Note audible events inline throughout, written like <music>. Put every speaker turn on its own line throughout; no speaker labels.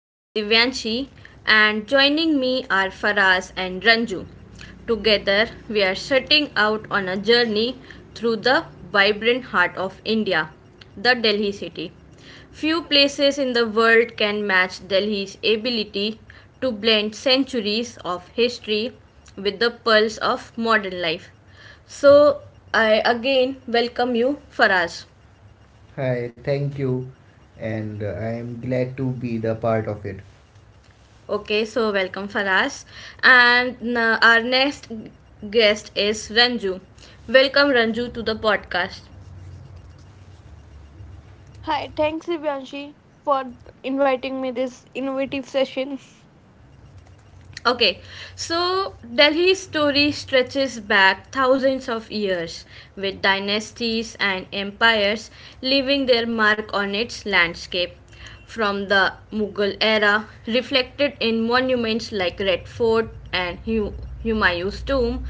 I'm Divyanshi and joining me are Faraz and Ranju. Together, we are setting out on a journey through the vibrant heart of India, the Delhi city. Few places in the world can match Delhi's ability to blend centuries of history with the pulse of modern life. So, I again welcome you, Faraz. Hi, thank you, and I am glad to be the part of it. Okay, so welcome Faraz. And our next guest is Ranju. Welcome Ranju to the podcast.
Hi, thanks Divyanshi for inviting me this innovative session.
Okay, so Delhi's story stretches back thousands of years, with dynasties and empires leaving their mark on its landscape. From the Mughal era, reflected in monuments like Red Fort and Humayun's tomb,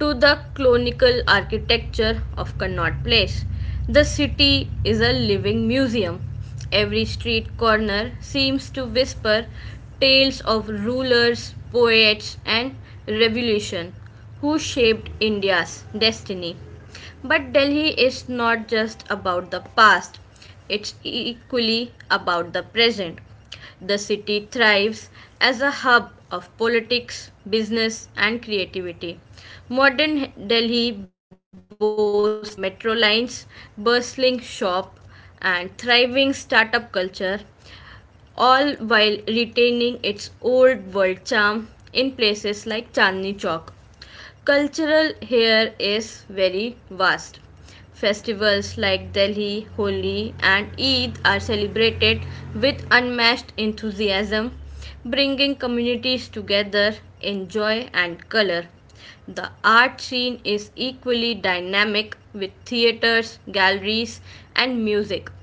to the colonial architecture of Connaught Place, the city is a living museum. Every street corner seems to whisper tales of rulers, poets, and revolution who shaped India's destiny. But Delhi is not just about the past, it's equally about the present. The city thrives as a hub of politics, business, and creativity. Modern Delhi boasts gleaming metro lines, bustling shop, and thriving startup culture, all while retaining its old world charm in places like Chandni Chowk. Cultural here is very vast. Festivals like Delhi, Holi, and Eid are celebrated with unmatched enthusiasm, bringing communities together in joy and color. The art scene is equally dynamic with theaters, galleries, and music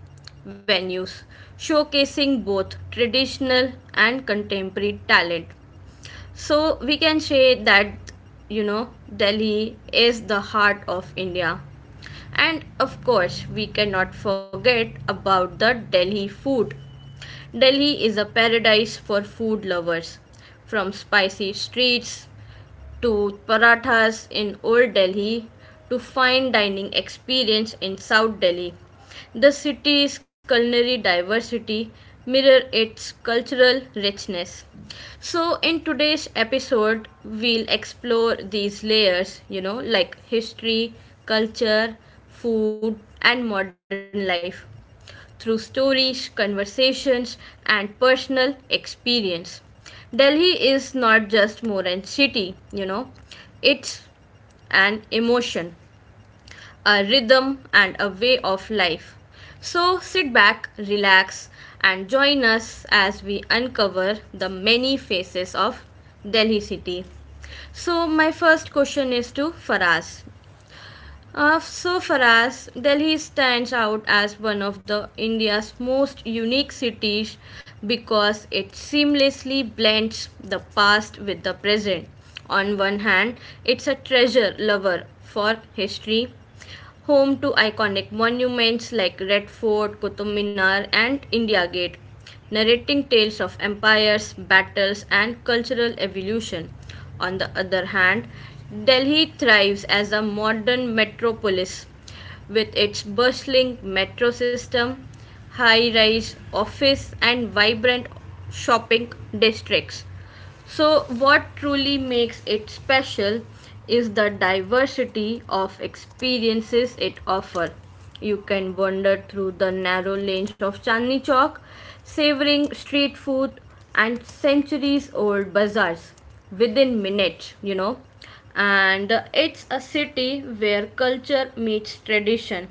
venues, showcasing both traditional and contemporary talent. So we can say that you know Delhi is the heart of India. And of course, we cannot forget about the Delhi food. Delhi is a paradise for food lovers. From spicy streets to parathas in Old Delhi to fine dining experience in South Delhi. The city's culinary diversity mirrors its cultural richness. So in today's episode we'll explore these layers, like history, culture, food and modern life through stories, conversations, and personal experience. Delhi is not just more an city, it's an emotion, a rhythm, and a way of life. So sit back, relax, and join us as we uncover the many faces of Delhi city. So, my first question is to Faraz. So for us, Delhi stands out as one of the India's most unique cities because it seamlessly blends the past with the present. On one hand, it's a treasure lover for history, home to iconic monuments like Red Fort, Qutub Minar, and India Gate, narrating tales of empires, battles, and cultural evolution. On the other hand, Delhi thrives as a modern metropolis with its bustling metro system, high rise office, and vibrant shopping districts. So, what truly makes it special is the diversity of experiences it offers. You can wander through the narrow lanes of Chandni Chowk, savoring street food and centuries old bazaars within minutes, And it's a city where culture meets tradition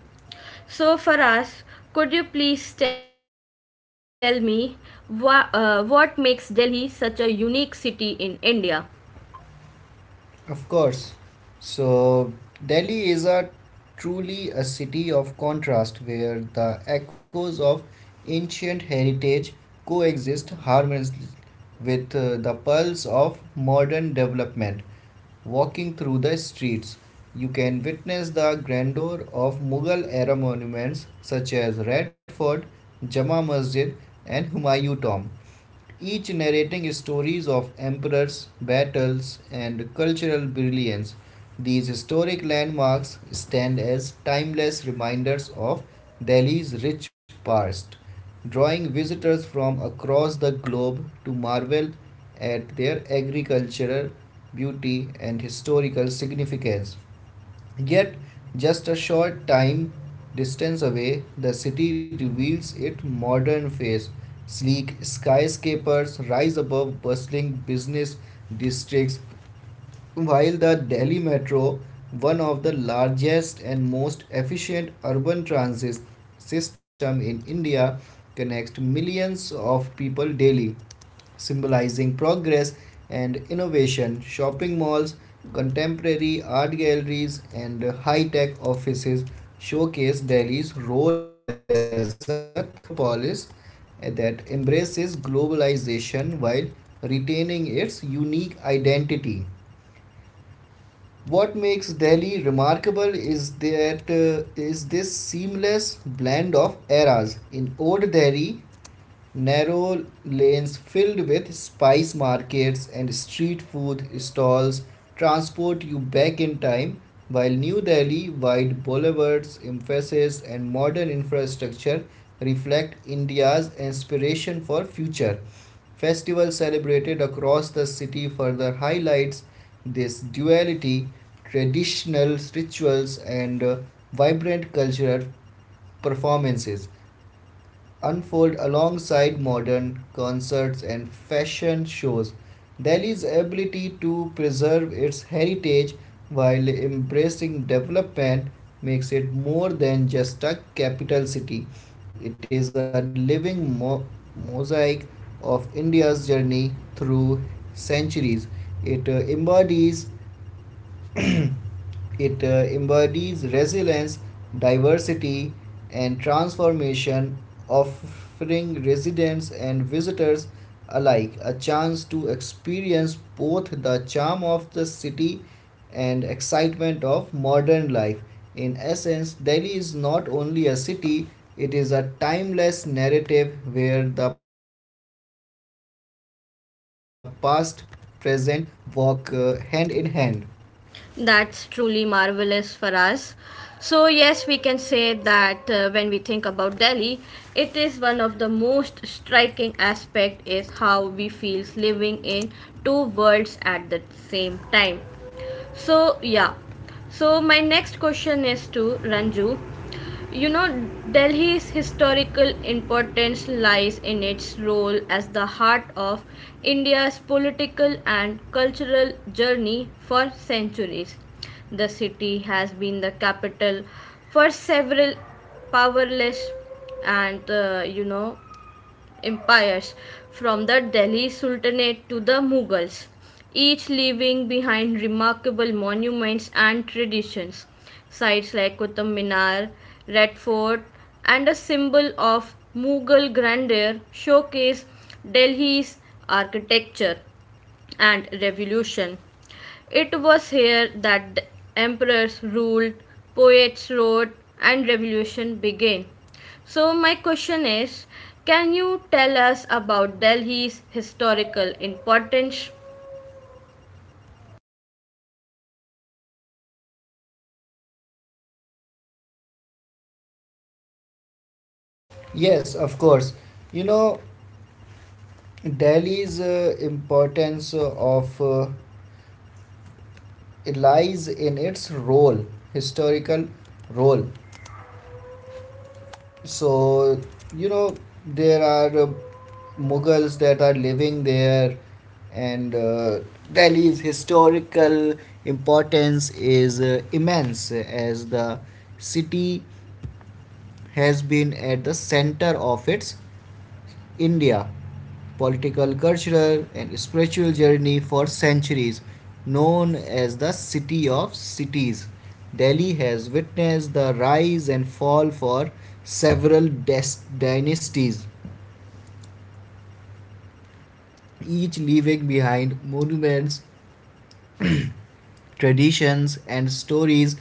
so, Faraz, could you please tell me what makes Delhi such a unique city in India? Of course. So, Delhi is a truly a city of contrast where the echoes of ancient heritage coexist harmoniously with the pulse of modern development. Walking through the streets, you can witness the grandeur of Mughal era monuments such as Red Fort, Jama Masjid, and Humayun Tomb each narrating stories of emperors, battles, and cultural brilliance. These historic landmarks stand as timeless reminders of Delhi's rich past, drawing visitors from across the globe to marvel at their agricultural beauty and historical significance. Yet, just a short time distance away, the city reveals its modern face. Sleek skyscrapers rise above bustling business districts, while the Delhi Metro, one of the largest and most efficient urban transit system in India, connects millions of people daily symbolizing progress and innovation, shopping malls, contemporary art galleries, and high tech offices showcase Delhi's role as a thriving metropolis that embraces globalization while retaining its unique identity. What makes Delhi remarkable is that is this seamless blend of eras. In old Delhi, narrow lanes filled with spice markets and street food stalls transport you back in time, while New Delhi wide boulevards, emphasis, and modern infrastructure reflect India's inspiration for future. Festivals celebrated across the city further highlights this duality, traditional rituals, and vibrant cultural performances unfold alongside modern concerts and fashion shows. Delhi's ability to preserve its heritage while embracing development makes it more than just a capital city. It is a living mosaic of India's journey through centuries. It embodies <clears throat> it embodies resilience, diversity, and transformation, offering residents and visitors alike a chance to experience both the charm of the city and excitement of modern life. In essence, Delhi is not only a city, it is a timeless narrative where the past, present walk hand in hand. That's truly marvelous for us. So, yes, we can say that when we think about Delhi, it is one of the most striking aspect is how we feels living in two worlds at the same time. So, yeah. So my next question is to Ranju. You know, Delhi's historical importance lies in its role as the heart of India's political and cultural journey for centuries. The city has been the capital for several powerless and empires, from the Delhi Sultanate to the Mughals, each leaving behind remarkable monuments and traditions. Sites like Qutub Minar, Red Fort, and a symbol of Mughal grandeur showcase Delhi's architecture and revolution. It was here that the emperors ruled, poets wrote, and revolution began. So, my question is can you tell us about Delhi's historical importance? Yes, of course. You know, Delhi's importance of lies in its role, historical role. So, you know, there are Mughals that are living there, and Delhi's historical importance is immense as the city has been at the center of its India political, cultural, and spiritual journey for centuries, known as the City of Cities. Delhi has witnessed the rise and fall for several dynasties, each leaving behind monuments traditions, and stories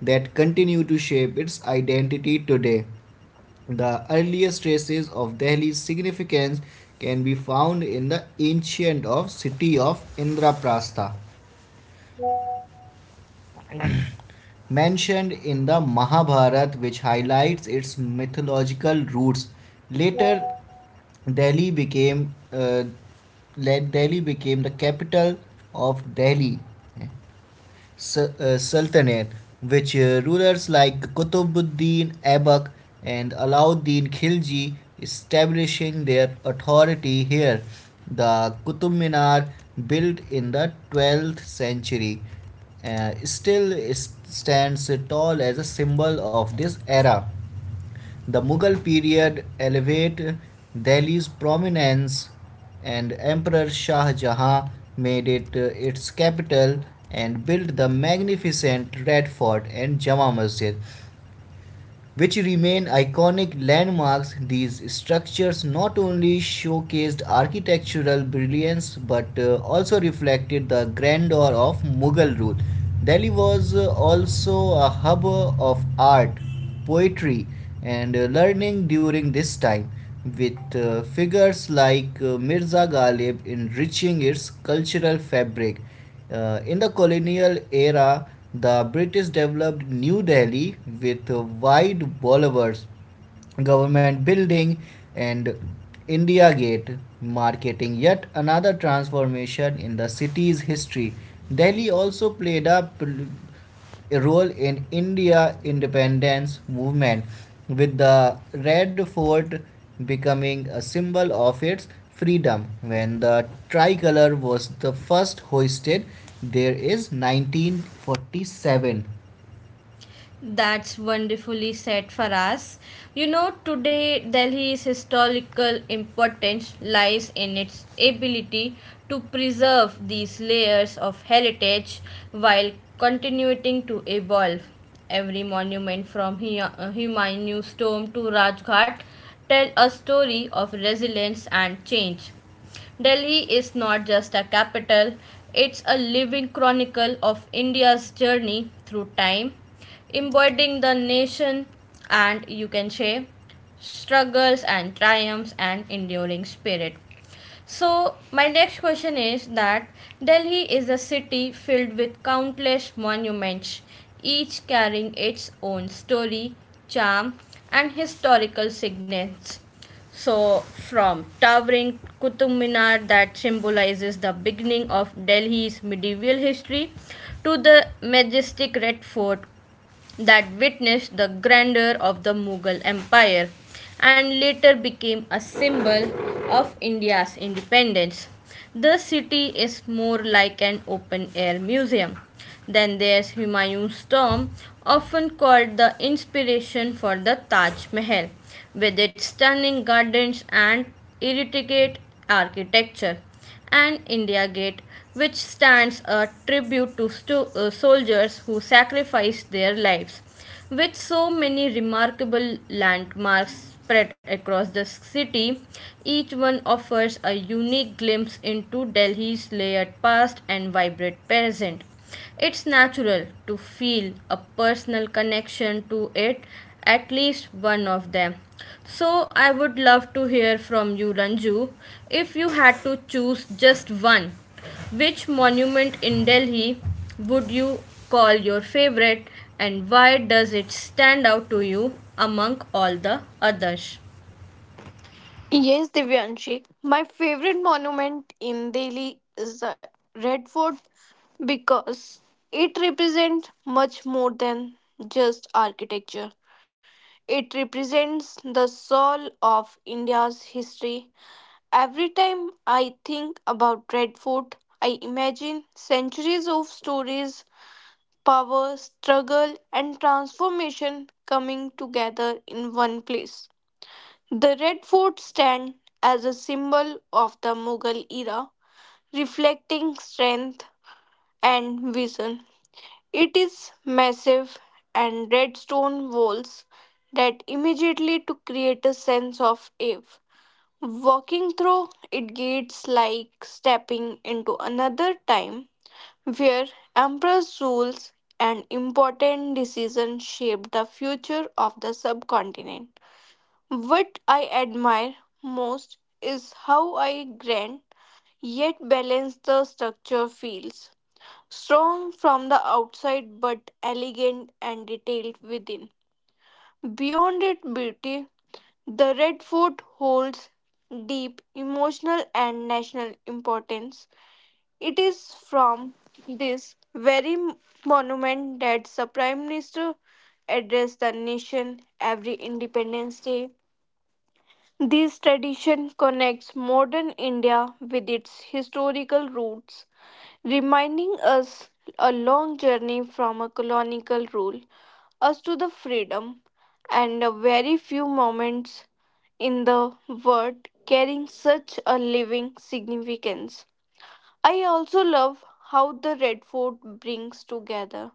that continue to shape its identity today. The earliest traces of Delhi's significance can be found in the ancient of city of Indraprastha, mentioned in the Mahabharata, which highlights its mythological roots. Later, Delhi became uh, Delhi became the capital of Delhi Sultanate, which rulers like Qutbuddin Aibak and Alauddin Khilji establishing their authority here. The Qutub Minar, built in the 12th century, stands tall as a symbol of this era. The Mughal period elevated Delhi's prominence and Emperor Shah Jahan made it its capital and built the magnificent Red Fort and Jama Masjid which remain iconic landmarks. These structures not only showcased architectural brilliance but also reflected the grandeur of Mughal rule. Delhi was also a hub of art, poetry, and learning during this time, with figures like Mirza Ghalib enriching its cultural fabric. In the colonial era, the British developed New Delhi with wide boulevards government building and India Gate marketing yet another transformation in the city's history. Delhi also played a role in India independence movement with the Red Fort becoming a symbol of its freedom when the tricolor was the first hoisted there is 1947. That's wonderfully said for us. Today Delhi's historical importance lies in its ability to preserve these layers of heritage while continuing to evolve. Every monument from Humayun's tomb to Rajghat tell a story of resilience and change. Delhi is not just a capital, it's a living chronicle of India's journey through time, embodying the nation and you can say struggles and triumphs and enduring spirit. So, my next question is that Delhi is a city filled with countless monuments, each carrying its own story, charm, and historical significance. So, from towering Qutub Minar that symbolizes the beginning of Delhi's medieval history to the majestic Red Fort that witnessed the grandeur of the Mughal Empire and later became a symbol of India's independence. The city is more like an open air museum. Then there's Humayun's tomb, often called the inspiration for the Taj Mahal, with its stunning gardens and intricate architecture and India Gate, which stands a tribute to soldiers who sacrificed their lives. With so many remarkable landmarks spread across the city, each one offers a unique glimpse into Delhi's layered past and vibrant present. It's natural to feel a personal connection to it, at least one of them. So I would love to hear from you, Ranju. If you had to choose just one, which monument in Delhi would you call your favorite and why does it stand out to you among all the others?
Yes, Divyanshi. My favorite monument in Delhi is the Red Fort because it represents much more than just architecture. It represents the soul of India's history. Every time I think about Red Fort, I imagine centuries of stories, power, struggle, and transformation coming together in one place. The Red Fort stands as a symbol of the Mughal era, reflecting strength and vision. It is massive and red stone walls that immediately to create a sense of awe. Walking through it gates like stepping into another time where emperors rules and important decisions shaped the future of the subcontinent. What I admire most is how I grand yet balanced the structure feels. Strong from the outside but elegant and detailed within. Beyond its beauty, the Red Fort holds deep emotional and national importance. It is from this very monument that the Prime Minister addressed the nation every Independence Day. This tradition connects modern India with its historical roots, reminding us a long journey from a colonial rule us to the freedom and a very few moments in the world carrying such a living significance. I also love how the Red Fort brings together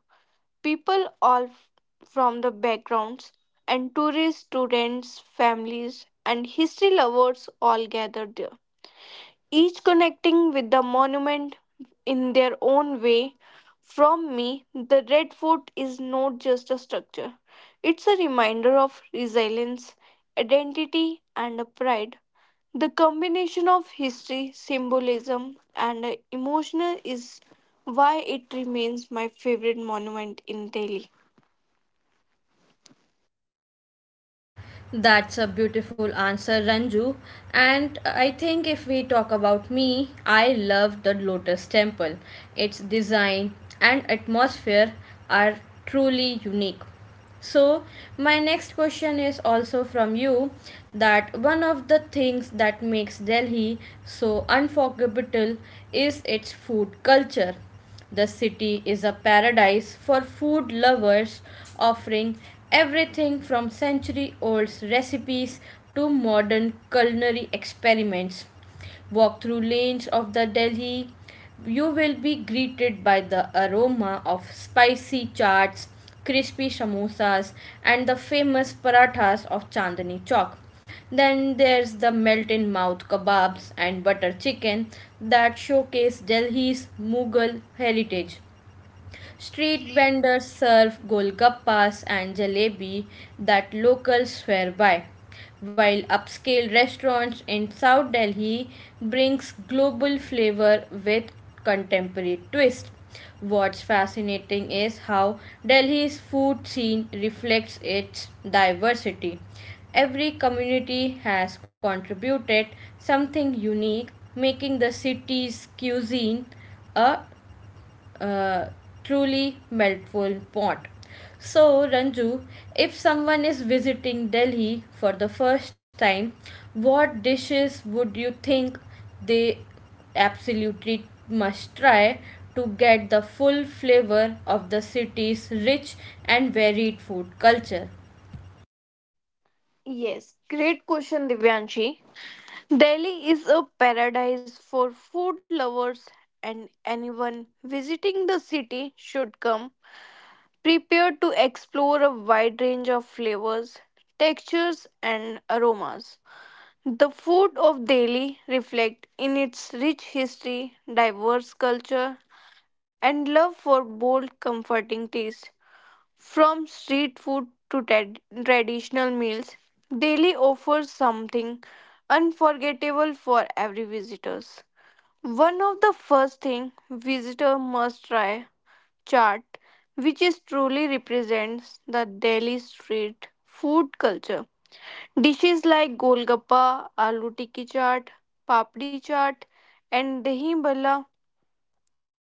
people from the backgrounds and tourists, students, families, and history lovers all gathered there, each connecting with the monument in their own way. From me, the Red Fort is not just a structure, it's a reminder of resilience, identity, and a pride. The combination of history, symbolism, and emotional is why it remains my favorite monument in Delhi.
That's a beautiful answer, Ranju. And I think if we talk about me, I love the Lotus Temple. Its design and atmosphere are truly unique. So, my next question is also from you that one of the things that makes Delhi so unforgettable is its food culture. The city is a paradise for food lovers, offering everything from century old recipes to modern culinary experiments. Walk through lanes of the Delhi, you will be greeted by the aroma of spicy chaats, crispy samosas, and the famous parathas of Chandni Chowk. Then there's the melt in mouth kebabs and butter chicken that showcase Delhi's Mughal heritage. Street vendors serve golgappas and jalebi that locals swear by, while upscale restaurants in South Delhi brings global flavor with contemporary twist. What's fascinating is how Delhi's food scene reflects its diversity. Every community has contributed something unique, making the city's cuisine a uh, truly meltful pot. So, Ranju, if someone is visiting Delhi for the first time, what dishes would you think they absolutely must try to get the full flavor of the city's rich and varied food culture?
Yes, great question, Divyanshi. Delhi is a paradise for food lovers, and anyone visiting the city should come prepared to explore a wide range of flavors, textures, and aromas. The food of Delhi reflects in its rich history, diverse culture, and love for bold, comforting taste. From street food to traditional meals, Delhi offers something unforgettable for every visitors. One of the first thing visitor must try chaat, which is truly represents the Delhi street food culture. Dishes like golgappa, aloo tikki chaat, papdi chaat, and dahi bhalla,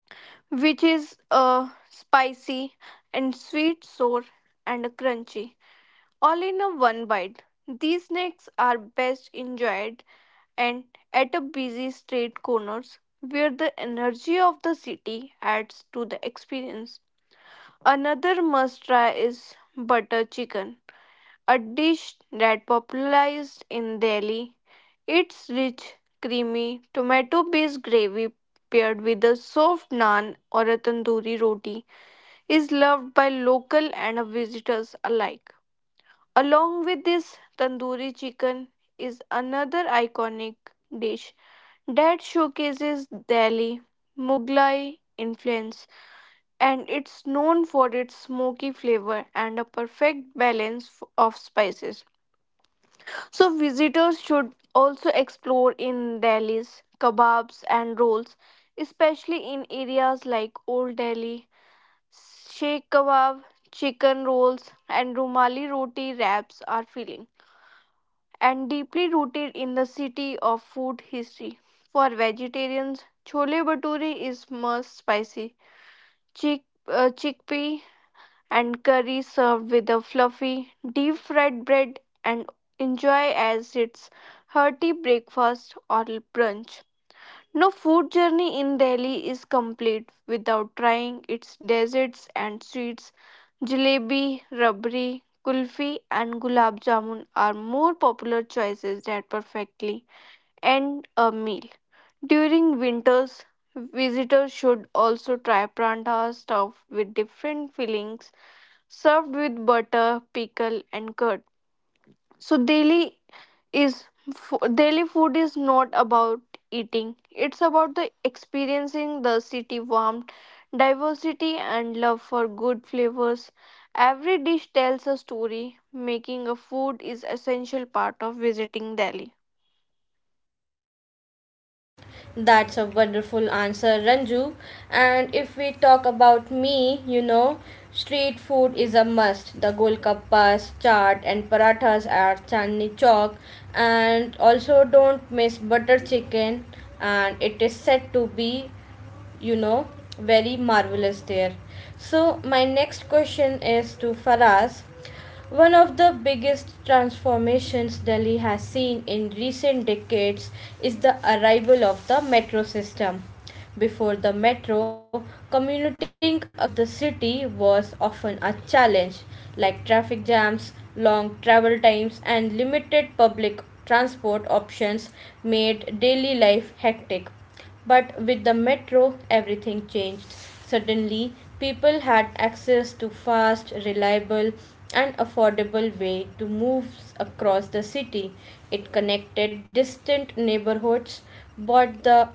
which is a spicy and sweet sour and crunchy. All in a one bite. These snacks are best enjoyed and at a busy street corners where the energy of the city adds to the experience. Another must try is butter chicken, a dish that popularized in Delhi. It's rich, creamy, tomato-based gravy paired with a soft naan or a tandoori roti is loved by local and visitors alike. Along with this, tandoori chicken is another iconic dish that showcases Delhi Mughlai influence and it's known for its smoky flavor and a perfect balance of spices. So visitors should also explore in Delhi's kebabs and rolls, especially in areas like Old Delhi, Sheikh Kebab, chicken rolls and Rumali roti wraps are filling. And deeply rooted in the city of food history. For vegetarians, chole bhature is most spicy. Chickpea and curry served with a fluffy, deep fried bread and enjoy as its hearty breakfast or brunch. No food journey in Delhi is complete without trying its desserts and sweets. Jalebi, rabri, kulfi, and gulab jamun are more popular choices that perfectly end a meal. During winters, visitors should also try pranta stuffed with different fillings served with butter, pickle, and curd. So, Delhi is daily food is not about eating, it's about the experiencing the city warmth diversity and love for good flavors. Every dish tells a story, making a food is essential part of visiting Delhi.
That's a wonderful answer, Ranju. And if we talk about me, you know, street food is a must. The golkappas, chaat, and parathas at Chandni Chowk. And also, don't miss butter chicken. And it is said to be you know very marvelous there. So my next question is to Faraz. One of the biggest transformations Delhi has seen in recent decades is the arrival of the metro system. Before the metro, commuting across the city was often a challenge. Like traffic jams, long travel times, and limited public transport options made daily life hectic. But with the metro, everything changed. Suddenly, people had access to fast, reliable, and affordable way to move across the city. It connected distant neighborhoods, brought the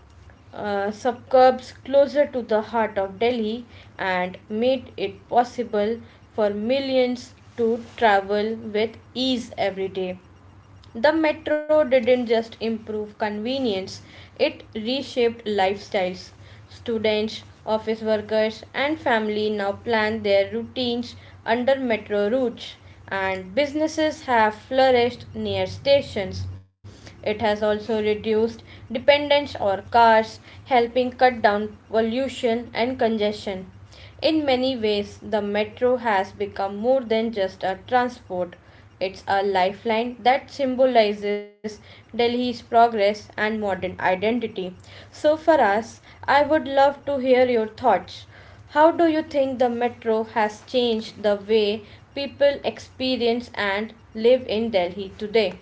suburbs closer to the heart of Delhi, and made it possible for millions to travel with ease every day. The metro didn't just improve convenience, it reshaped lifestyles. Students, office workers, and family now plan their routines under metro routes, and businesses have flourished near stations. It has also reduced dependence on cars, helping cut down pollution and congestion. In many ways, the metro has become more than just a transport. It's a lifeline that symbolizes Delhi's progress and modern identity. So, for us, I would love to hear your thoughts. How do you think the metro has changed the way people experience and live in Delhi today?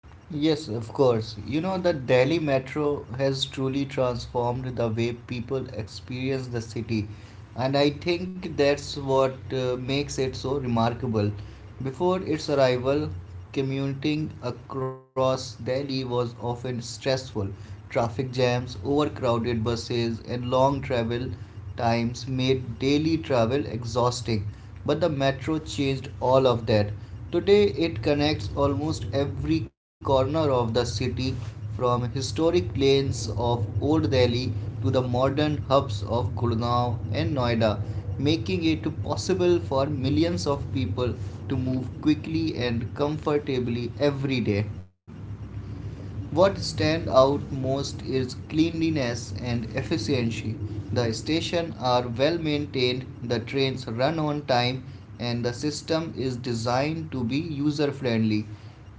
Yes, of course. You know, the Delhi metro has truly transformed the way people experience the city, and I think that's what makes it so remarkable. Before its arrival, commuting across Delhi was often stressful. Traffic jams, overcrowded buses, and long travel times made daily travel exhausting. But the metro changed all of that. Today, it connects almost every corner of the city, from historic lanes of Old Delhi to the modern hubs of Gurgaon and Noida, making it possible for millions of people to move quickly and comfortably every day. What stands out most is cleanliness and efficiency. The stations are well maintained, the trains run on time, and the system is designed to be user friendly.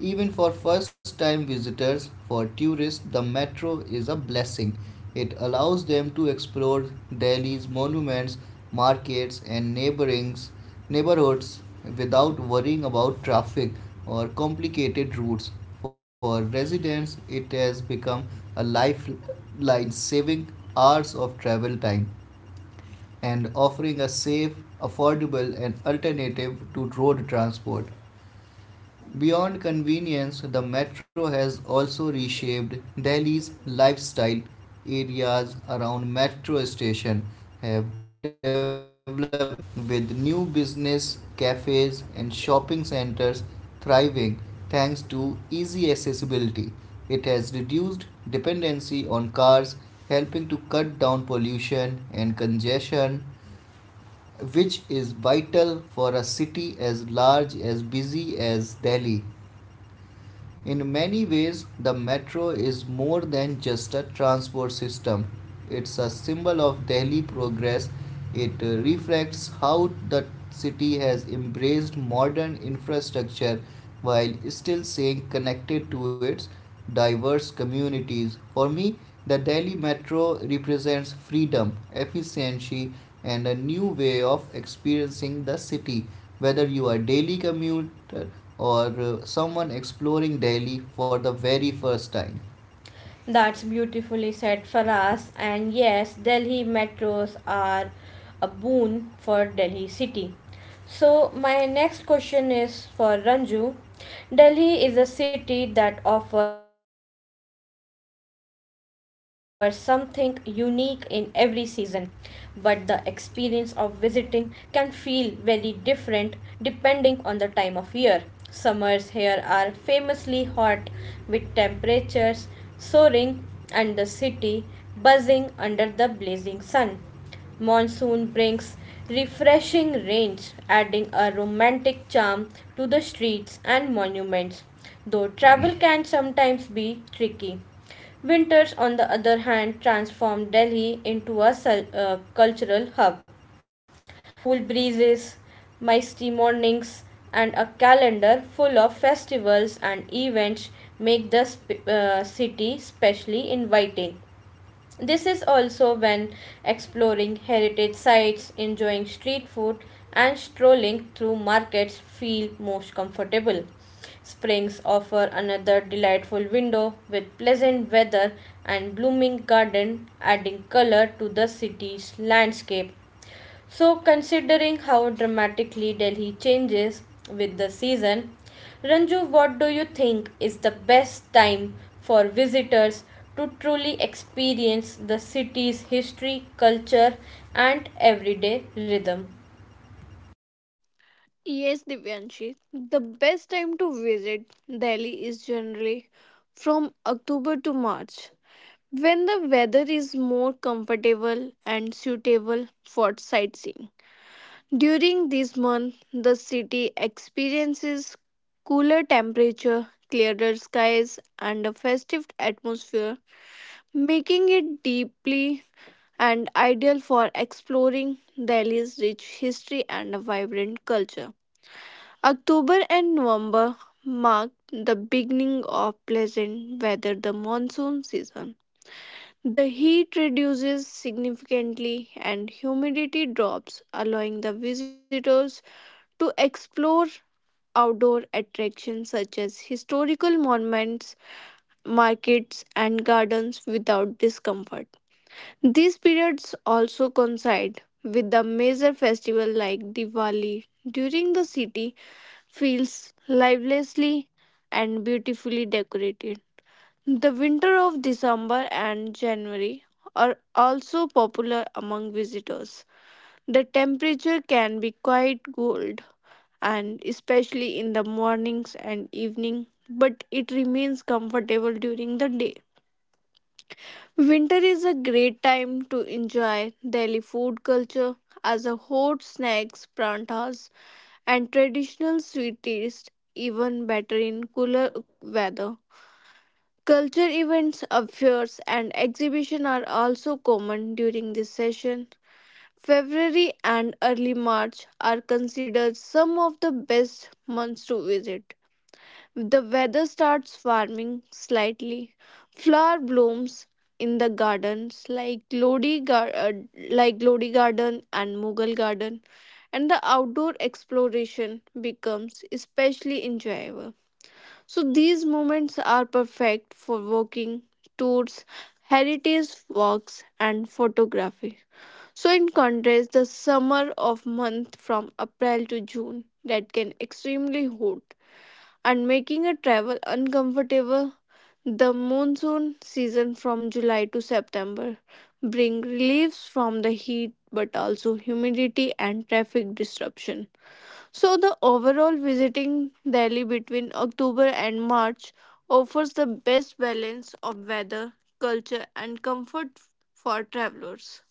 Even for first time visitors, for tourists, the metro is a blessing. It allows them to explore Delhi's monuments, markets, and neighborhoods without worrying about traffic or complicated routes. For residents, it has become a lifeline, saving hours of travel time and offering a safe, affordable, and alternative to road transport. Beyond convenience, the metro has also reshaped Delhi's lifestyle. Areas around metro station have developed rapidly, with new business, cafes, and shopping centers thriving thanks to easy accessibility. It has reduced dependency on cars, helping to cut down pollution and congestion, which is vital for a city as large as busy as Delhi. In many ways, the metro is more than just a transport system. It's a symbol of Delhi progress. It reflects how the city has embraced modern infrastructure while still staying connected to its diverse communities. For me, the Delhi Metro represents freedom, efficiency, and a new way of experiencing the city. Whether you are a daily commuter or someone exploring Delhi for the very first time. That's beautifully said, Faraz. And yes, Delhi metros are a boon for Delhi city. So, my next question is for Ranju. Delhi is a city that offers something unique in every season, but the experience of visiting can feel very different depending on the time of year. Summers here are famously hot, with temperatures soaring and the city buzzing under the blazing sun. Monsoon brings refreshing rains, adding a romantic charm to the streets and monuments, though travel can sometimes be tricky. Winters, on the other hand, transform Delhi into a cultural hub. Cool breezes, misty mornings, and a calendar full of festivals and events make the city specially inviting. This is also when exploring heritage sites, enjoying street food, and strolling through markets feel most comfortable. Springs offer another delightful window, with pleasant weather and blooming garden adding color to the city's landscape. So, considering how dramatically Delhi changes with the season, Ranju, what do you think is the best time for visitors to truly experience the city's history, culture, and everyday rhythm?
Yes, Divyanshi, the best time to visit Delhi is generally from October to March when the weather is more comfortable and suitable for sightseeing. During this month, the city experiences cooler temperature, clearer skies, and a festive atmosphere, making it deeply and ideal for exploring Delhi's rich history and a vibrant culture. October and November mark the beginning of pleasant weather, the monsoon season. The heat reduces significantly and humidity drops, allowing the visitors to explore outdoor attractions such as historical monuments, markets, and gardens without discomfort. These periods also coincide with the major festival like Diwali. During the city feels livelessly and beautifully decorated. The winter of December and January are also popular among visitors. The temperature can be quite cold and especially in the mornings and evening but it remains comfortable during the day. Winter is a great time to enjoy Delhi food culture as a hot snacks prantas and traditional sweet taste even better in cooler weather. Culture events affairs and exhibition are also common during this session. February and early March are considered some of the best months to visit. The weather starts warming slightly. Flower blooms in the gardens like Lodi, like Lodi Garden and Mughal Garden, and the outdoor exploration becomes especially enjoyable. So these moments are perfect for walking, tours, heritage walks, and photography. So in contrast, the summer of month from April to June that can extremely hot and making a travel uncomfortable. The monsoon season from July to September bring reliefs from the heat but also humidity and traffic disruption. So the overall visiting Delhi between October and March offers the best balance of weather, culture and comfort for travelers.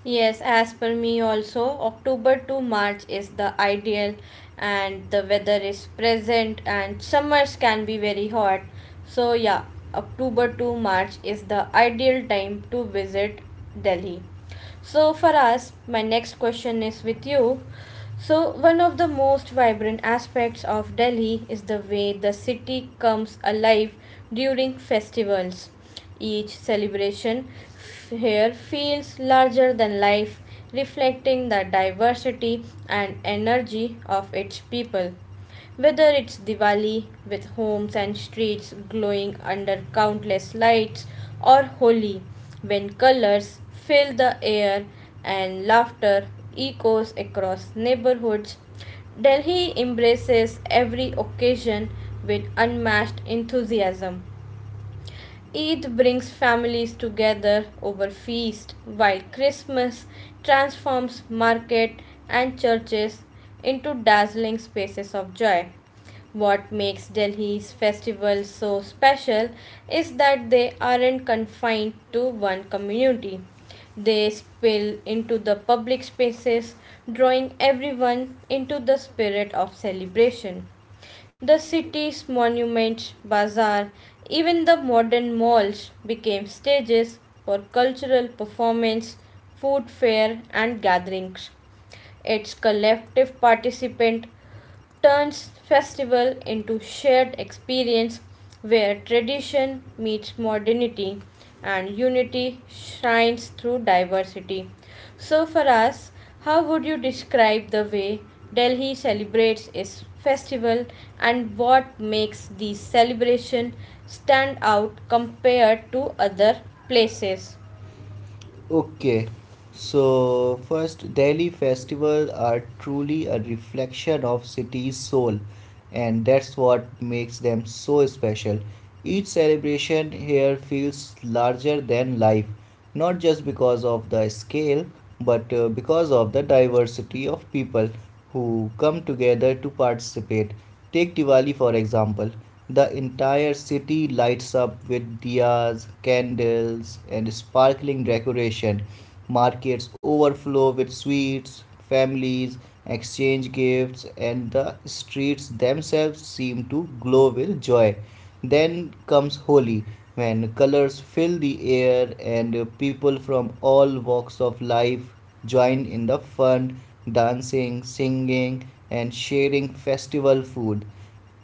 Yes, as per me also, October to March is the ideal, and the weather is present, and summers can be very hot. So, yeah, October to March is the ideal time to visit Delhi. So, for us, my next question is with you. So, one of the most vibrant aspects of Delhi is the way the city comes alive during festivals. Each celebration here feels larger than life, reflecting the diversity and energy of its people. Whether it's Diwali, with homes and streets glowing under countless lights, or Holi, when colors fill the air and laughter echoes across neighborhoods, Delhi embraces every occasion with unmatched enthusiasm. Eid brings families together over feast, while Christmas transforms market and churches into dazzling spaces of joy. What makes Delhi's festivals so special is that they aren't confined to one community. They spill into the public spaces, drawing everyone into the spirit of celebration. The city's monuments, bazaar, even the modern malls became stages for cultural performance, food fair, and gatherings. Its collective participant turns festival into shared experience where tradition meets modernity and unity shines through diversity. So for us, how would you describe the way Delhi celebrates its festival and what makes the celebration stand out compared to other places? Okay, so first, Delhi festivals are truly a reflection of city's soul, and that's what makes them so special. Each celebration here feels larger than life, not just because of the scale but because of the diversity of people who come together to participate. Take Diwali for example. The entire city lights up with diyas, candles, and sparkling decoration. Markets overflow with sweets, families exchange gifts, and the streets themselves seem to glow with joy. Then comes Holi, when colors fill the air and people from all walks of life join in the fun, dancing, singing, and sharing festival food.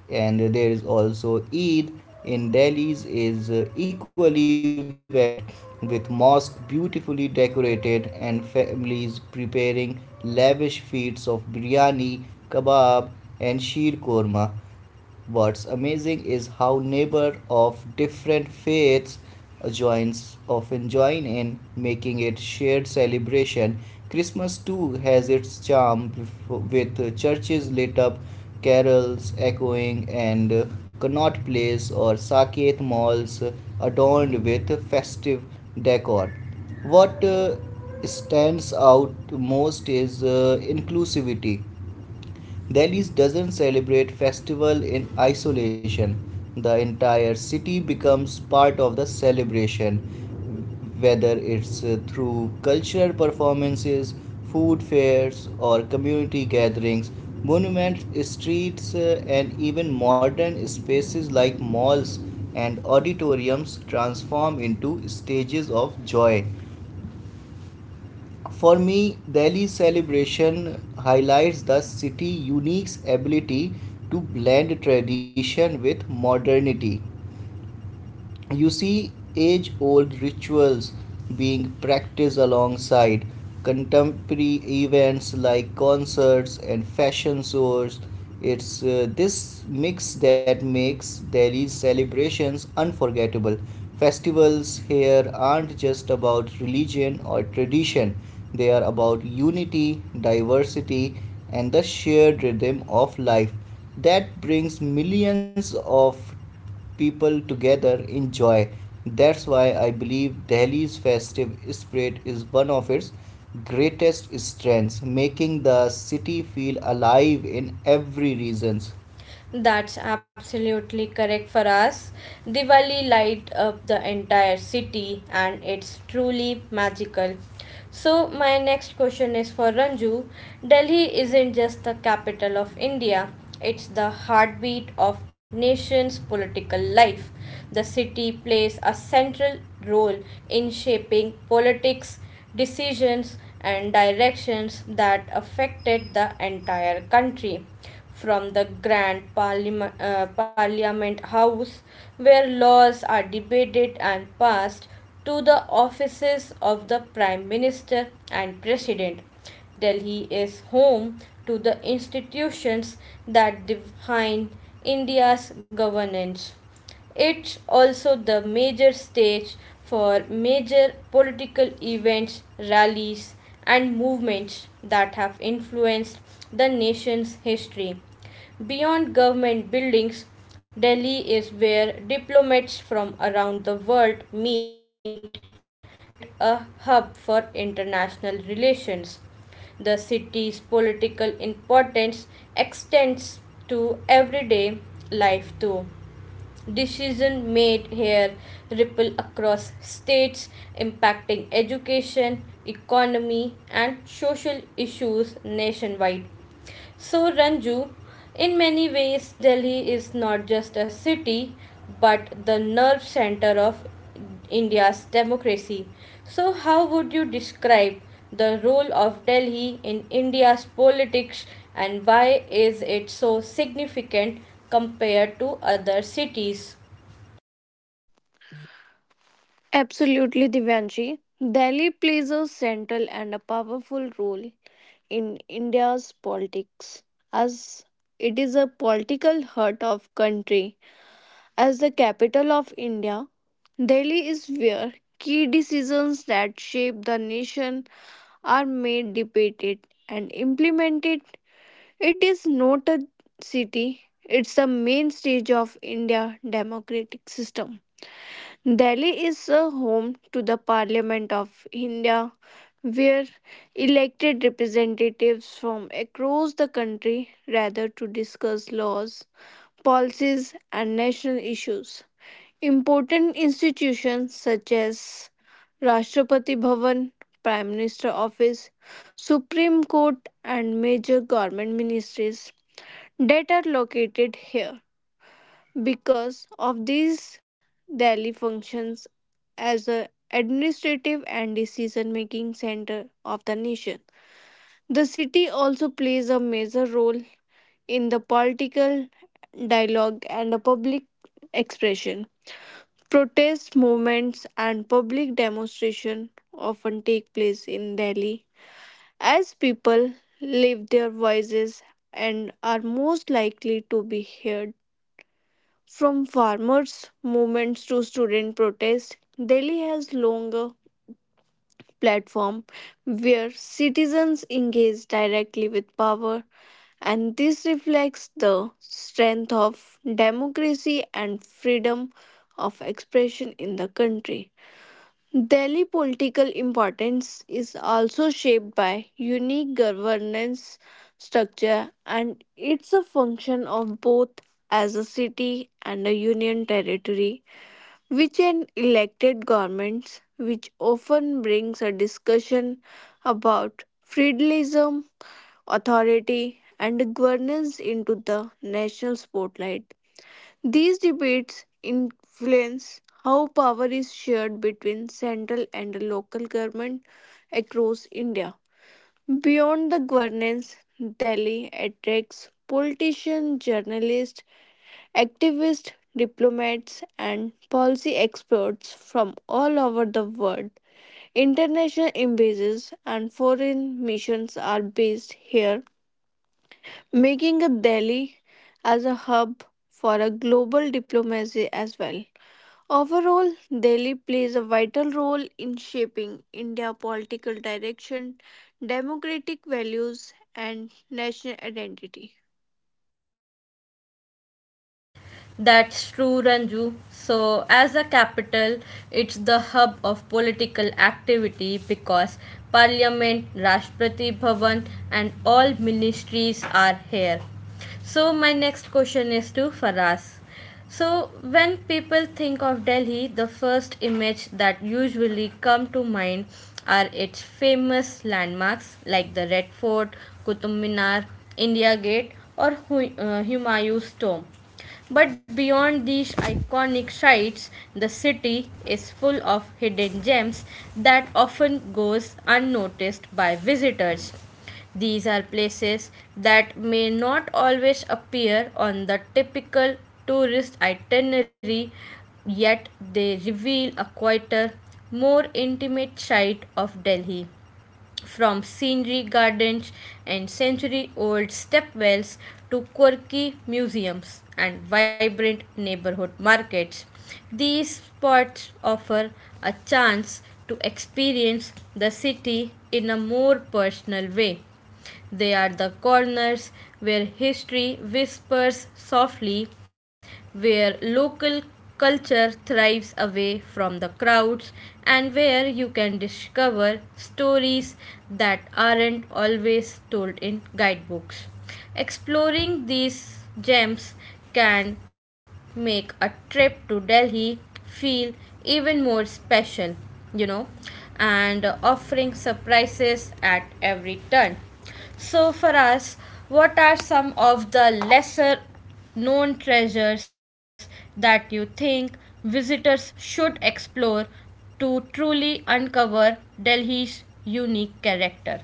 And there is also Eid in Delhi's is equally vibrant, with mosque beautifully decorated and families preparing lavish feasts of biryani, kebab, and sheer korma. What's amazing is how neighbor of different faiths joins often join in, making it shared celebration. Christmas too has its charm, with churches lit up, carols echoing, and Connaught Place or Saket malls adorned with festive decor. What stands out most is inclusivity. Delhi doesn't celebrate festival in isolation. The entire city becomes part of the celebration, whether it's through cultural performances, food fairs, or community gatherings. Monuments, streets, and even modern spaces like malls and auditoriums transform into stages of joy. For me, Delhi celebration highlights the city's unique ability to blend tradition with modernity. You see age old rituals being practiced alongside contemporary events like concerts and fashion shows. It's this mix that makes Delhi's celebrations unforgettable. Festivals here aren't just about religion or tradition, they are about unity, diversity, and the shared rhythm of life that brings millions of people together in joy. That's why I believe Delhi's festive spirit is one of its greatest strengths, making the city feel alive in every region. That's absolutely correct for us. Diwali light up the entire city and it's truly magical. So my next question is for Ranju. Delhi isn't just the capital of India, it's the heartbeat of nation's political life. The city plays a central role in shaping politics, decisions, and directions that affected the entire country. From the Parliament House, where laws are debated and passed, to the offices of the Prime Minister and President. Delhi is home to the institutions that define India's governance. It's also the major stage for major political events, rallies, and movements that have influenced the nation's history. Beyond government buildings, Delhi is where diplomats from around the world meet, making it a hub for international relations. The city's political importance extends to everyday life too. Decision made here ripple across states, impacting education, economy, and social issues nationwide. So, Ranju, in many ways, Delhi is not just a city but the nerve center of India's democracy. So, how would you describe the role of Delhi in India's politics and why is it so significant compared to other cities?
Absolutely, Divyanshi. Delhi plays a central and a powerful role in India's politics as it is a political heart of country. As the capital of India, Delhi is where key decisions that shape the nation are made, debated and implemented. It is not a city, it's the main stage of India democratic system. Delhi is a home to the Parliament of India where elected representatives from across the country rather to discuss laws, policies, and national issues. Important institutions such as Rashtrapati Bhavan, Prime Minister Office, Supreme Court, and major government ministries that are located here. Because of these, Delhi functions as a administrative and decision making center of the nation. The city also plays a major role in the political dialogue and the public expression. Protest movements and public demonstration often take place in Delhi as people lift their voices and are most likely to be heard. From farmers' movements to student protests, Delhi has longer platform where citizens engage directly with power. And this reflects the strength of democracy and freedom of expression in the country. Delhi political importance is also shaped by unique governance structure and it's a function of both as a city and a union territory which an elected governments which often brings a discussion about feudalism authority, and governance into the national spotlight. These debates influence how power is shared between central and local government across India. Beyond the governance, Delhi attracts politicians, journalists, activists, diplomats, and policy experts from all over the world. International embassies and foreign missions are based here, making a Delhi as a hub for a global diplomacy as well. Overall, Delhi plays a vital role in shaping India's political direction, democratic values, and national identity.
That's true, Ranju. So, as a capital, it's the hub of political activity because Parliament, Rashtrapati Bhavan, and all ministries are here. So, my next question is to Faraz. So, when people think of Delhi, the first image that usually come to mind are its famous landmarks like the Red Fort, Qutub Minar, India Gate, or Humayun's tomb. But beyond these iconic sites, the city is full of hidden gems that often goes unnoticed by visitors. These are places that may not always appear on the typical tourist itinerary, yet they reveal a quieter, more intimate side of Delhi, from scenery gardens and century old stepwells to quirky museums and vibrant neighborhood markets. These spots offer a chance to experience the city in a more personal way. They are the corners where history whispers softly, where local culture thrives away from the crowds, and where you can discover stories that aren't always told in guidebooks. Exploring these gems can make a trip to Delhi feel even more special, you know, and offering surprises at every turn. So, for us, what are some of the lesser known treasures that you think visitors should explore to truly uncover Delhi's unique character?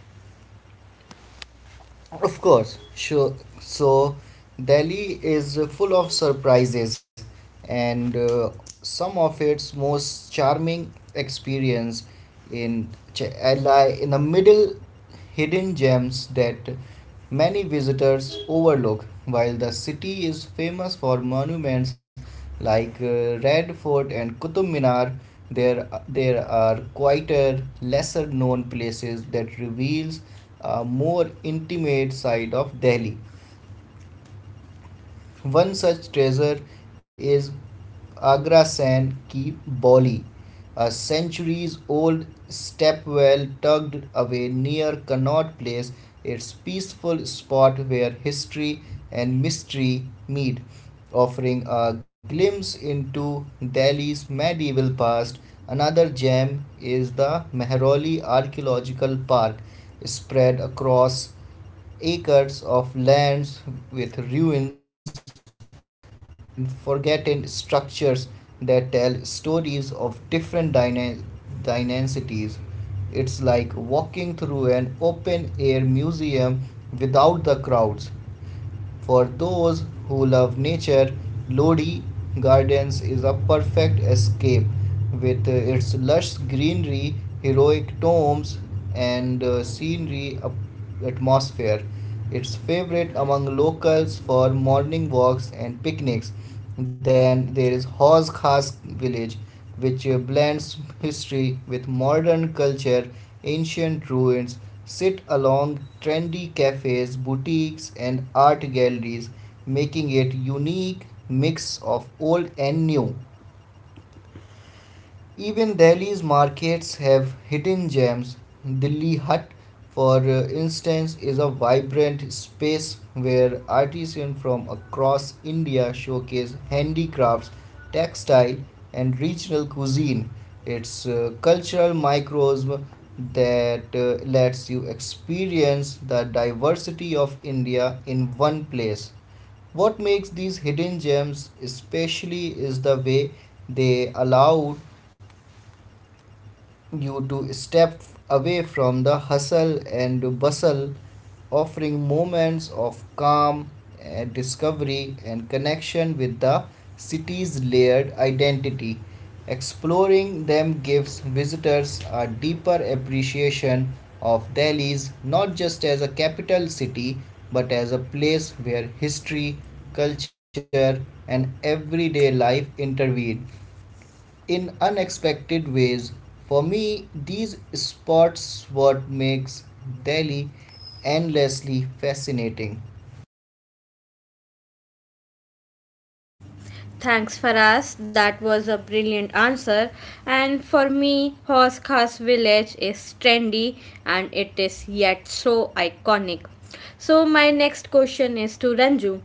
Of course, sure. So, Delhi is full of surprises, and some of its most charming experience in Ch- lie in the middle hidden gems that many visitors overlook. While the city is famous for monuments like Red Fort and Qutub Minar, there are quieter, lesser known places that reveals a more intimate side of Delhi. One such treasure is Agra San Ki Bauli, a centuries old stepwell tucked away near Connaught Place. It's a peaceful spot where history and mystery meet, offering a glimpse into Delhi's medieval past. Another gem is the Mehrauli Archaeological Park, spread across acres of lands with ruins, tombs, and forgotten structures that tell stories of different dynasties. It's like walking through an open air museum without the crowds. For those who love nature, Lodi Gardens is a perfect escape with its lush greenery, heroic tombs, and scenery atmosphere. It's favorite among locals for morning walks and picnics. Then there is Haus Khas village, which blends history with modern culture. Ancient ruins sit along trendy cafes, boutiques, and art galleries, making it a unique mix of old and new. Even Delhi's markets have hidden gems. Delhi Hut, for instance, is a vibrant space where artisans from across India showcase handicrafts, textile, and regional cuisine. It's a cultural microcosm that lets you experience the diversity of India in one place. What makes these hidden gems especially is the way they allow you to step away from the hustle and bustle, offering moments of calm and discovery and connection with the city's layered identity. Exploring them gives visitors a deeper appreciation of Delhi's not just as a capital city but as a place where history, culture, and everyday life intervene, in unexpected ways. For me, these spots what makes Delhi endlessly fascinating. Thanks, Faraz. That was a brilliant answer. And for me, Horse Khas village is trendy and it is yet so iconic. So, my next question is to Ranju.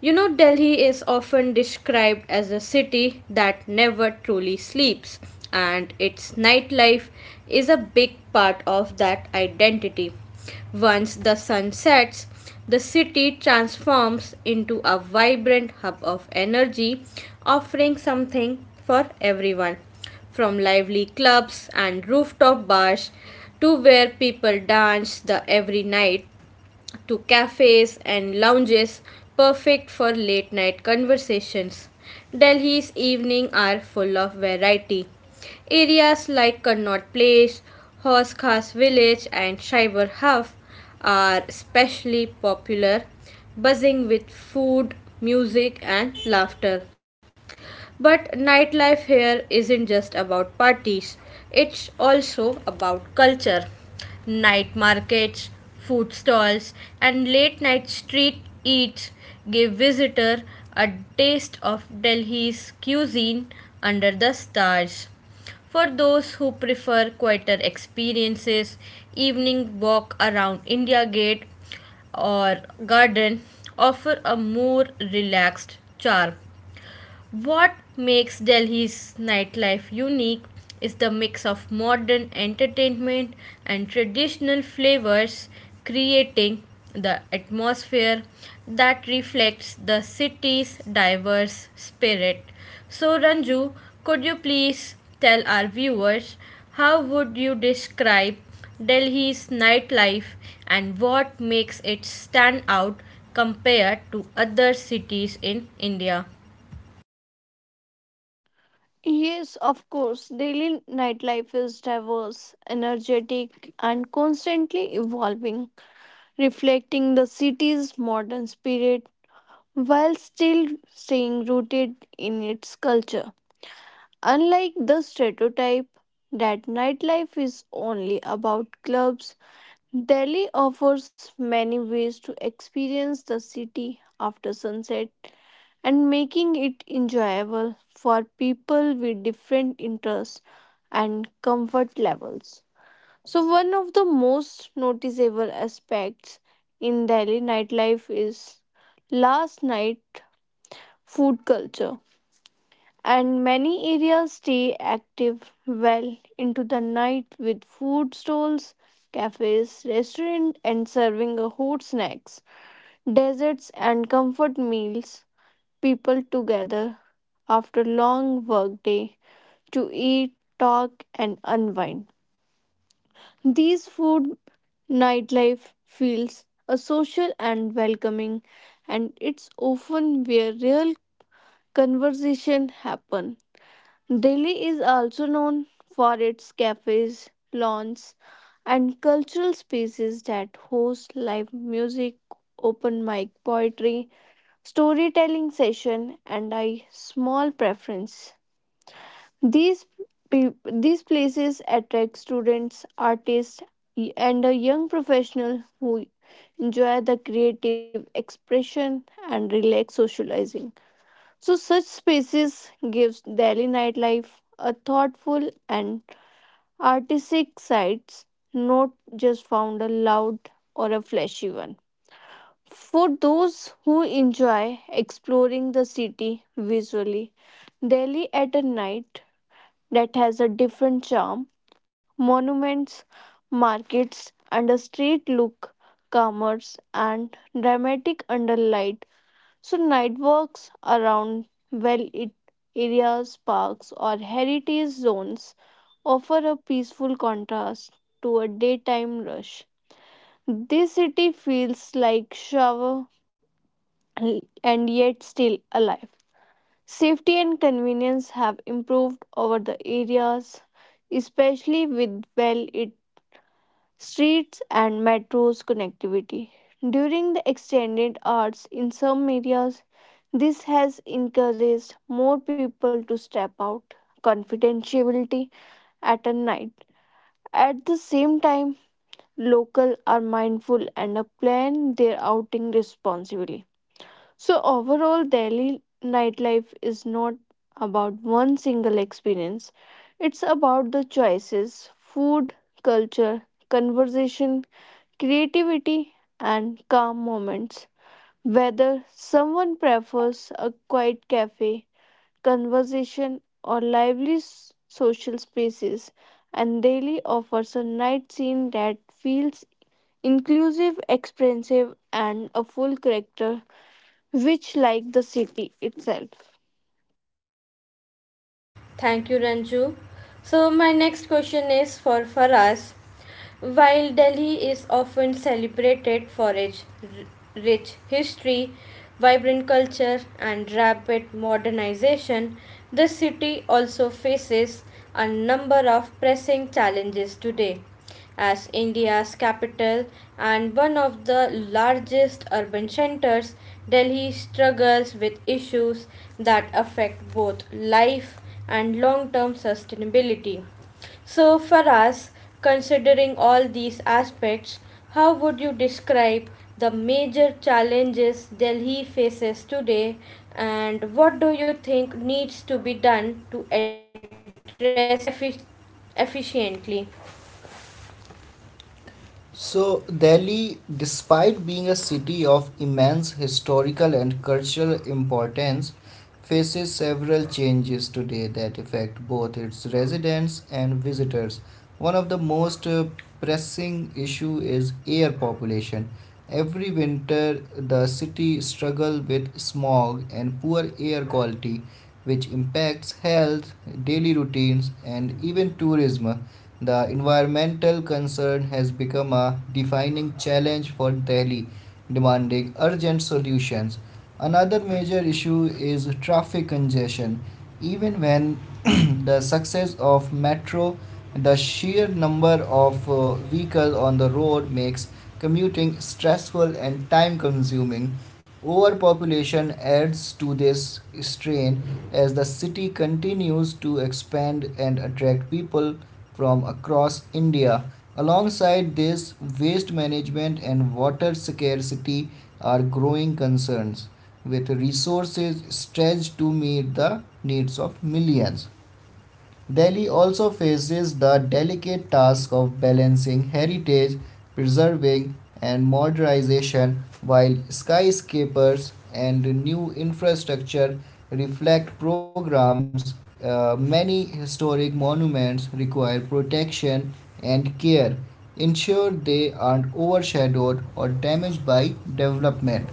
Delhi is often described as a city that never truly sleeps, and its nightlife is a big part of that identity. Once the sun sets, the city transforms into a vibrant hub of energy, offering something for everyone, from lively clubs and rooftop bars to where people dance the every night to cafes and lounges, perfect for late night conversations. Delhi's evenings are full of variety. Areas like Connaught Place, Horse Khas Village, and Shaibar Huff are especially popular, buzzing with food, music, and laughter. But nightlife here isn't just about parties, it's also about culture. Night markets, food stalls, and late night street eats give visitor a taste of Delhi's cuisine under the stars. For those who prefer quieter experiences, evening walk around India Gate or garden offer a more relaxed charm. What makes Delhi's nightlife unique is the mix of modern entertainment and traditional flavors, creating the atmosphere that reflects the city's diverse spirit. So, Ranju, could you please tell our viewers how would you describe Delhi's nightlife and what makes it stand out compared to other cities in India?
Yes, of course, Delhi nightlife is diverse, energetic, and constantly evolving, reflecting the city's modern spirit while still staying rooted in its culture. Unlike the stereotype that nightlife is only about clubs, Delhi offers many ways to experience the city after sunset and making it enjoyable for people with different interests and comfort levels. So, one of the most noticeable aspects in Delhi nightlife is last night food culture and many areas stay active well into the night with food stalls, cafes, restaurants, and serving a hot snacks, desserts, and comfort meals. People together after long work day to eat, talk, and unwind. These food nightlife feels a social and welcoming, and it's often where real conversation happen. Delhi is also known for its cafes, lawns, and cultural spaces that host live music, open mic poetry, storytelling session, and a small preference. These these places attract students, artists, and a young professional who enjoy the creative expression and relax socializing. So such spaces gives Delhi nightlife a thoughtful and artistic sides, not just found a loud or a flashy one. For those who enjoy exploring the city visually, Delhi at a night that has a different charm, monuments, markets, and a street look, commerce, and dramatic under light. So, night walks around well lit areas, parks, or heritage zones offer a peaceful contrast to a daytime rush. This city feels like shower and yet still alive. Safety and convenience have improved over the areas, especially with well streets and metros connectivity. During the extended hours in some areas, this has encouraged more people to step out. Confidentiality at a night. At the same time, local are mindful and plan their outing responsibly. So, overall, Delhi nightlife is not about one single experience, it's about the choices, food, culture, conversation, creativity, and calm moments. Whether someone prefers a quiet cafe, conversation, or lively social spaces, and Delhi offers a night scene that feels inclusive, expressive, and a full character which like the city itself.
Thank you, Ranju. So, my next question is for Faraz. While Delhi is often celebrated for its rich history, vibrant culture, and rapid modernization, the city also faces a number of pressing challenges today. As India's capital and one of the largest urban centers, Delhi struggles with issues that affect both life and long term sustainability. So, for us, considering all these aspects, how would you describe the major challenges Delhi faces today, and what do you think needs to be done to address them effi- efficiently? So, Delhi, despite being a city of immense historical and cultural importance, faces several changes today that affect both its residents and visitors. One of the most pressing issue is air population. Every winter, the city struggle with smog and poor air quality, which impacts health, daily routines, and even tourism. The environmental concern has become a defining challenge for Delhi, demanding urgent solutions. Another major issue is traffic congestion. Even when <clears throat> the success of metro, the sheer number of vehicles on the road makes commuting stressful and time consuming. Overpopulation adds to this strain as the city continues to expand and attract people from across India. Alongside this, waste management and water scarcity are growing concerns, with resources stretched to meet the needs of millions. Delhi also faces the delicate task of balancing heritage preserving and modernization. While skyscrapers and new infrastructure reflect programs, many historic monuments require protection and care. Ensure they aren't overshadowed or damaged by development.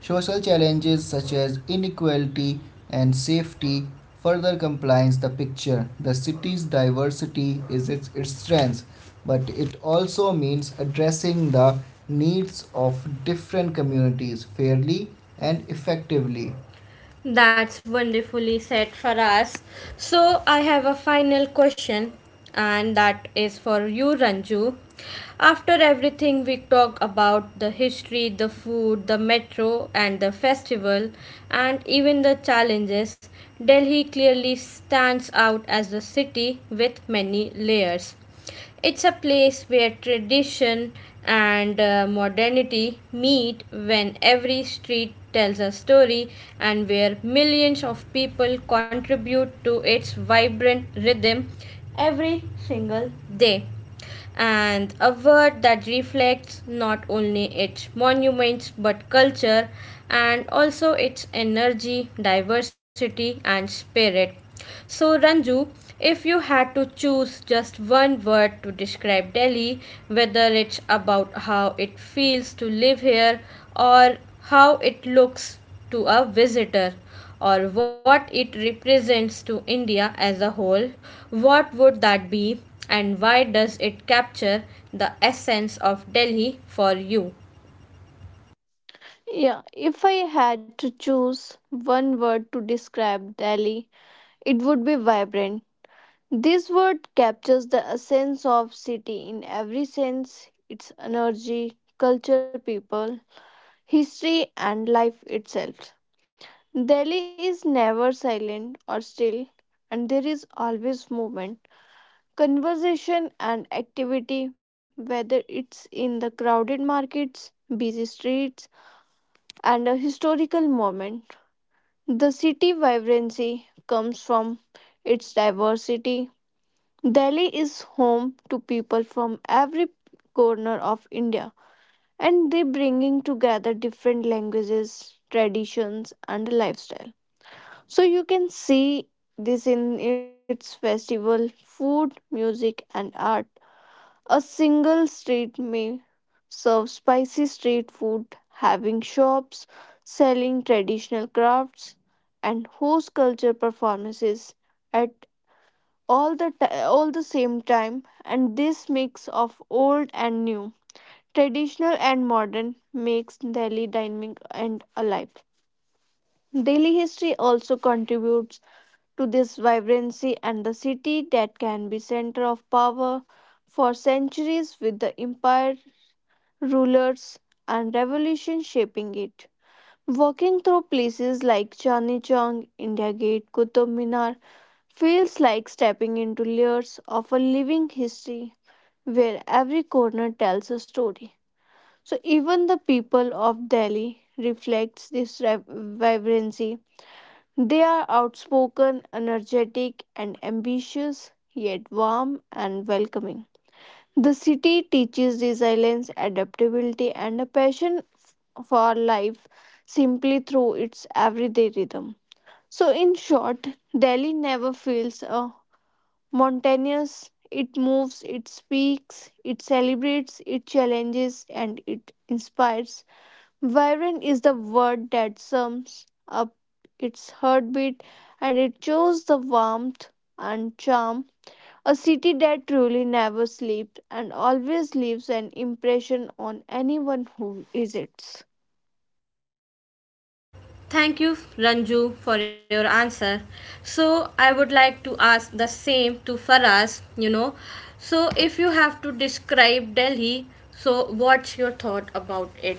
Social challenges such as inequality and safety further complements the picture. The city's diversity is its strength, but it also means addressing the needs of different communities fairly and effectively. That's wonderfully said, Faraz. So, I have a final question, and that is for you, Ranju. After everything we talk about the history, the food, the metro, and the festival, and even the challenges, Delhi clearly stands out as a city with many layers. It's a place where tradition and modernity meet, when every street tells a story and where millions of people contribute to its vibrant rhythm every single day, and a word that reflects not only its monuments but culture and also its energy, diversity, and spirit. So, Ranju, if you had to choose just one word to describe Delhi, whether it's about how it feels to live here or how it looks to a visitor, or what it represents to India as a whole, what would that be and why does it capture the essence of Delhi for you?
Yeah, if I had to choose one word to describe Delhi, it would be vibrant. This word captures the essence of city in every sense, its energy, culture, people, history and life itself. Delhi is never silent or still and there is always movement, conversation and activity whether it's in the crowded markets, busy streets, and a historical moment. The city vibrancy comes from its diversity. Delhi is home to people from every corner of India and they bringing together different languages, traditions and lifestyle. So you can see this in its festival, food, music and art. A single street may serve spicy street food, having shops selling traditional crafts, and host culture performances at all the same time and this mix of old and new traditional and modern makes Delhi dynamic and alive. Delhi history also contributes to this vibrancy and the city that can be center of power for centuries with the empire rulers, and revolution shaping it. Walking through places like Chandni Chowk, India Gate, Qutub Minar feels like stepping into layers of a living history where every corner tells a story. So even the people of Delhi reflects this vibrancy. They are outspoken, energetic, and ambitious, yet warm and welcoming. The city teaches resilience, adaptability, and a passion for life simply through its everyday rhythm. So, in short, Delhi never feels mountainous. It moves, it speaks, it celebrates, it challenges, and it inspires. Vibrant is the word that sums up its heartbeat, and it shows the warmth and charm a city that truly never sleeps and always leaves an impression on anyone who visits.
Thank you, Ranju, for your answer. So, I would like to ask the same to Faraz, you know. So, if you have to describe Delhi, so what's your thought about it?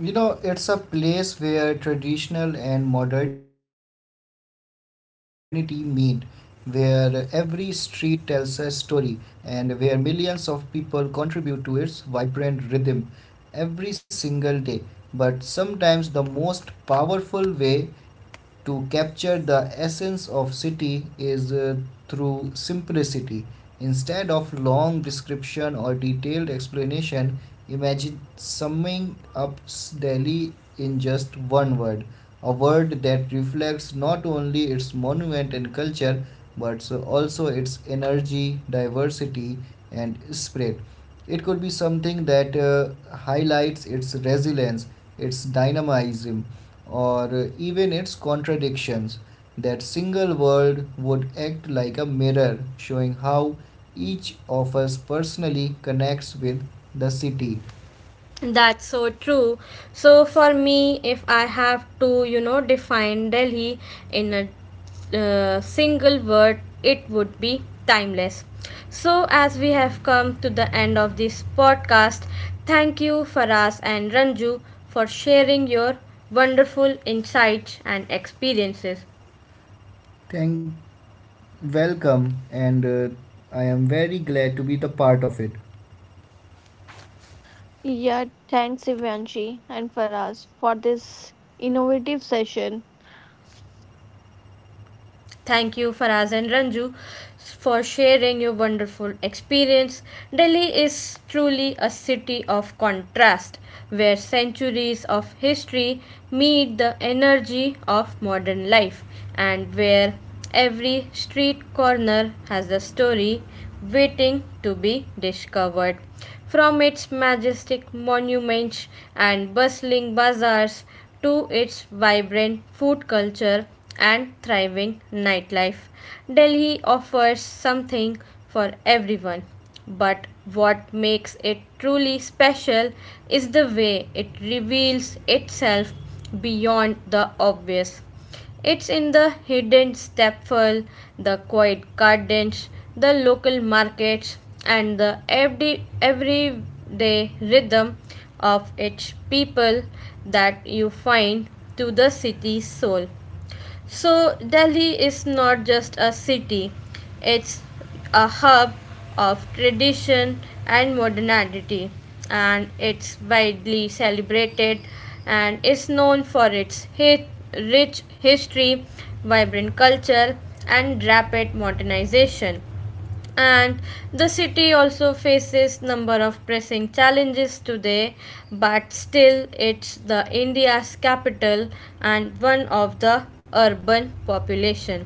It's a place where traditional and modernity meet, where every street tells a story, and where millions of people contribute to its vibrant rhythm every single day. But sometimes the most powerful way to capture the essence of city is through simplicity. Instead of long description or detailed explanation, imagine summing up Delhi in just one word, a word that reflects not only its monument and culture but so also its energy, diversity, and spirit. It could be something that highlights its resilience, its dynamism, or even its contradictions. That single world would act like a mirror, showing how each of us personally connects with the city. That's so true. So for me, if I have to, define Delhi in a single word, it would be timeless. So as we have come to the end of this podcast, thank you Faraz and Ranju for sharing your wonderful insights and experiences. Thank, welcome, and I am very glad to be the part of it.
Yeah, thanks Ivanshi and Faraz for this innovative session.
Thank you, Faraz and Ranju, for sharing your wonderful experience. Delhi is truly a city of contrast, where centuries of history meet the energy of modern life, and where every street corner has a story waiting to be discovered. From its majestic monuments and bustling bazaars to its vibrant food culture and thriving nightlife, Delhi offers something for everyone. But what makes it truly special is the way it reveals itself beyond the obvious. It's in the hidden stepful, the quiet gardens, the local markets, and the everyday rhythm of its people that you find to the city's soul. So, Delhi is not just a city, it's a hub of tradition and modernity, and it's widely celebrated and is known for its rich history, vibrant culture, and rapid modernization. And the city also faces number of pressing challenges today, but still it's the India's capital and one of the urban population.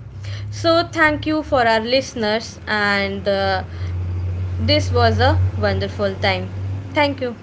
So thank you for our listeners, and this was a wonderful time. Thank you.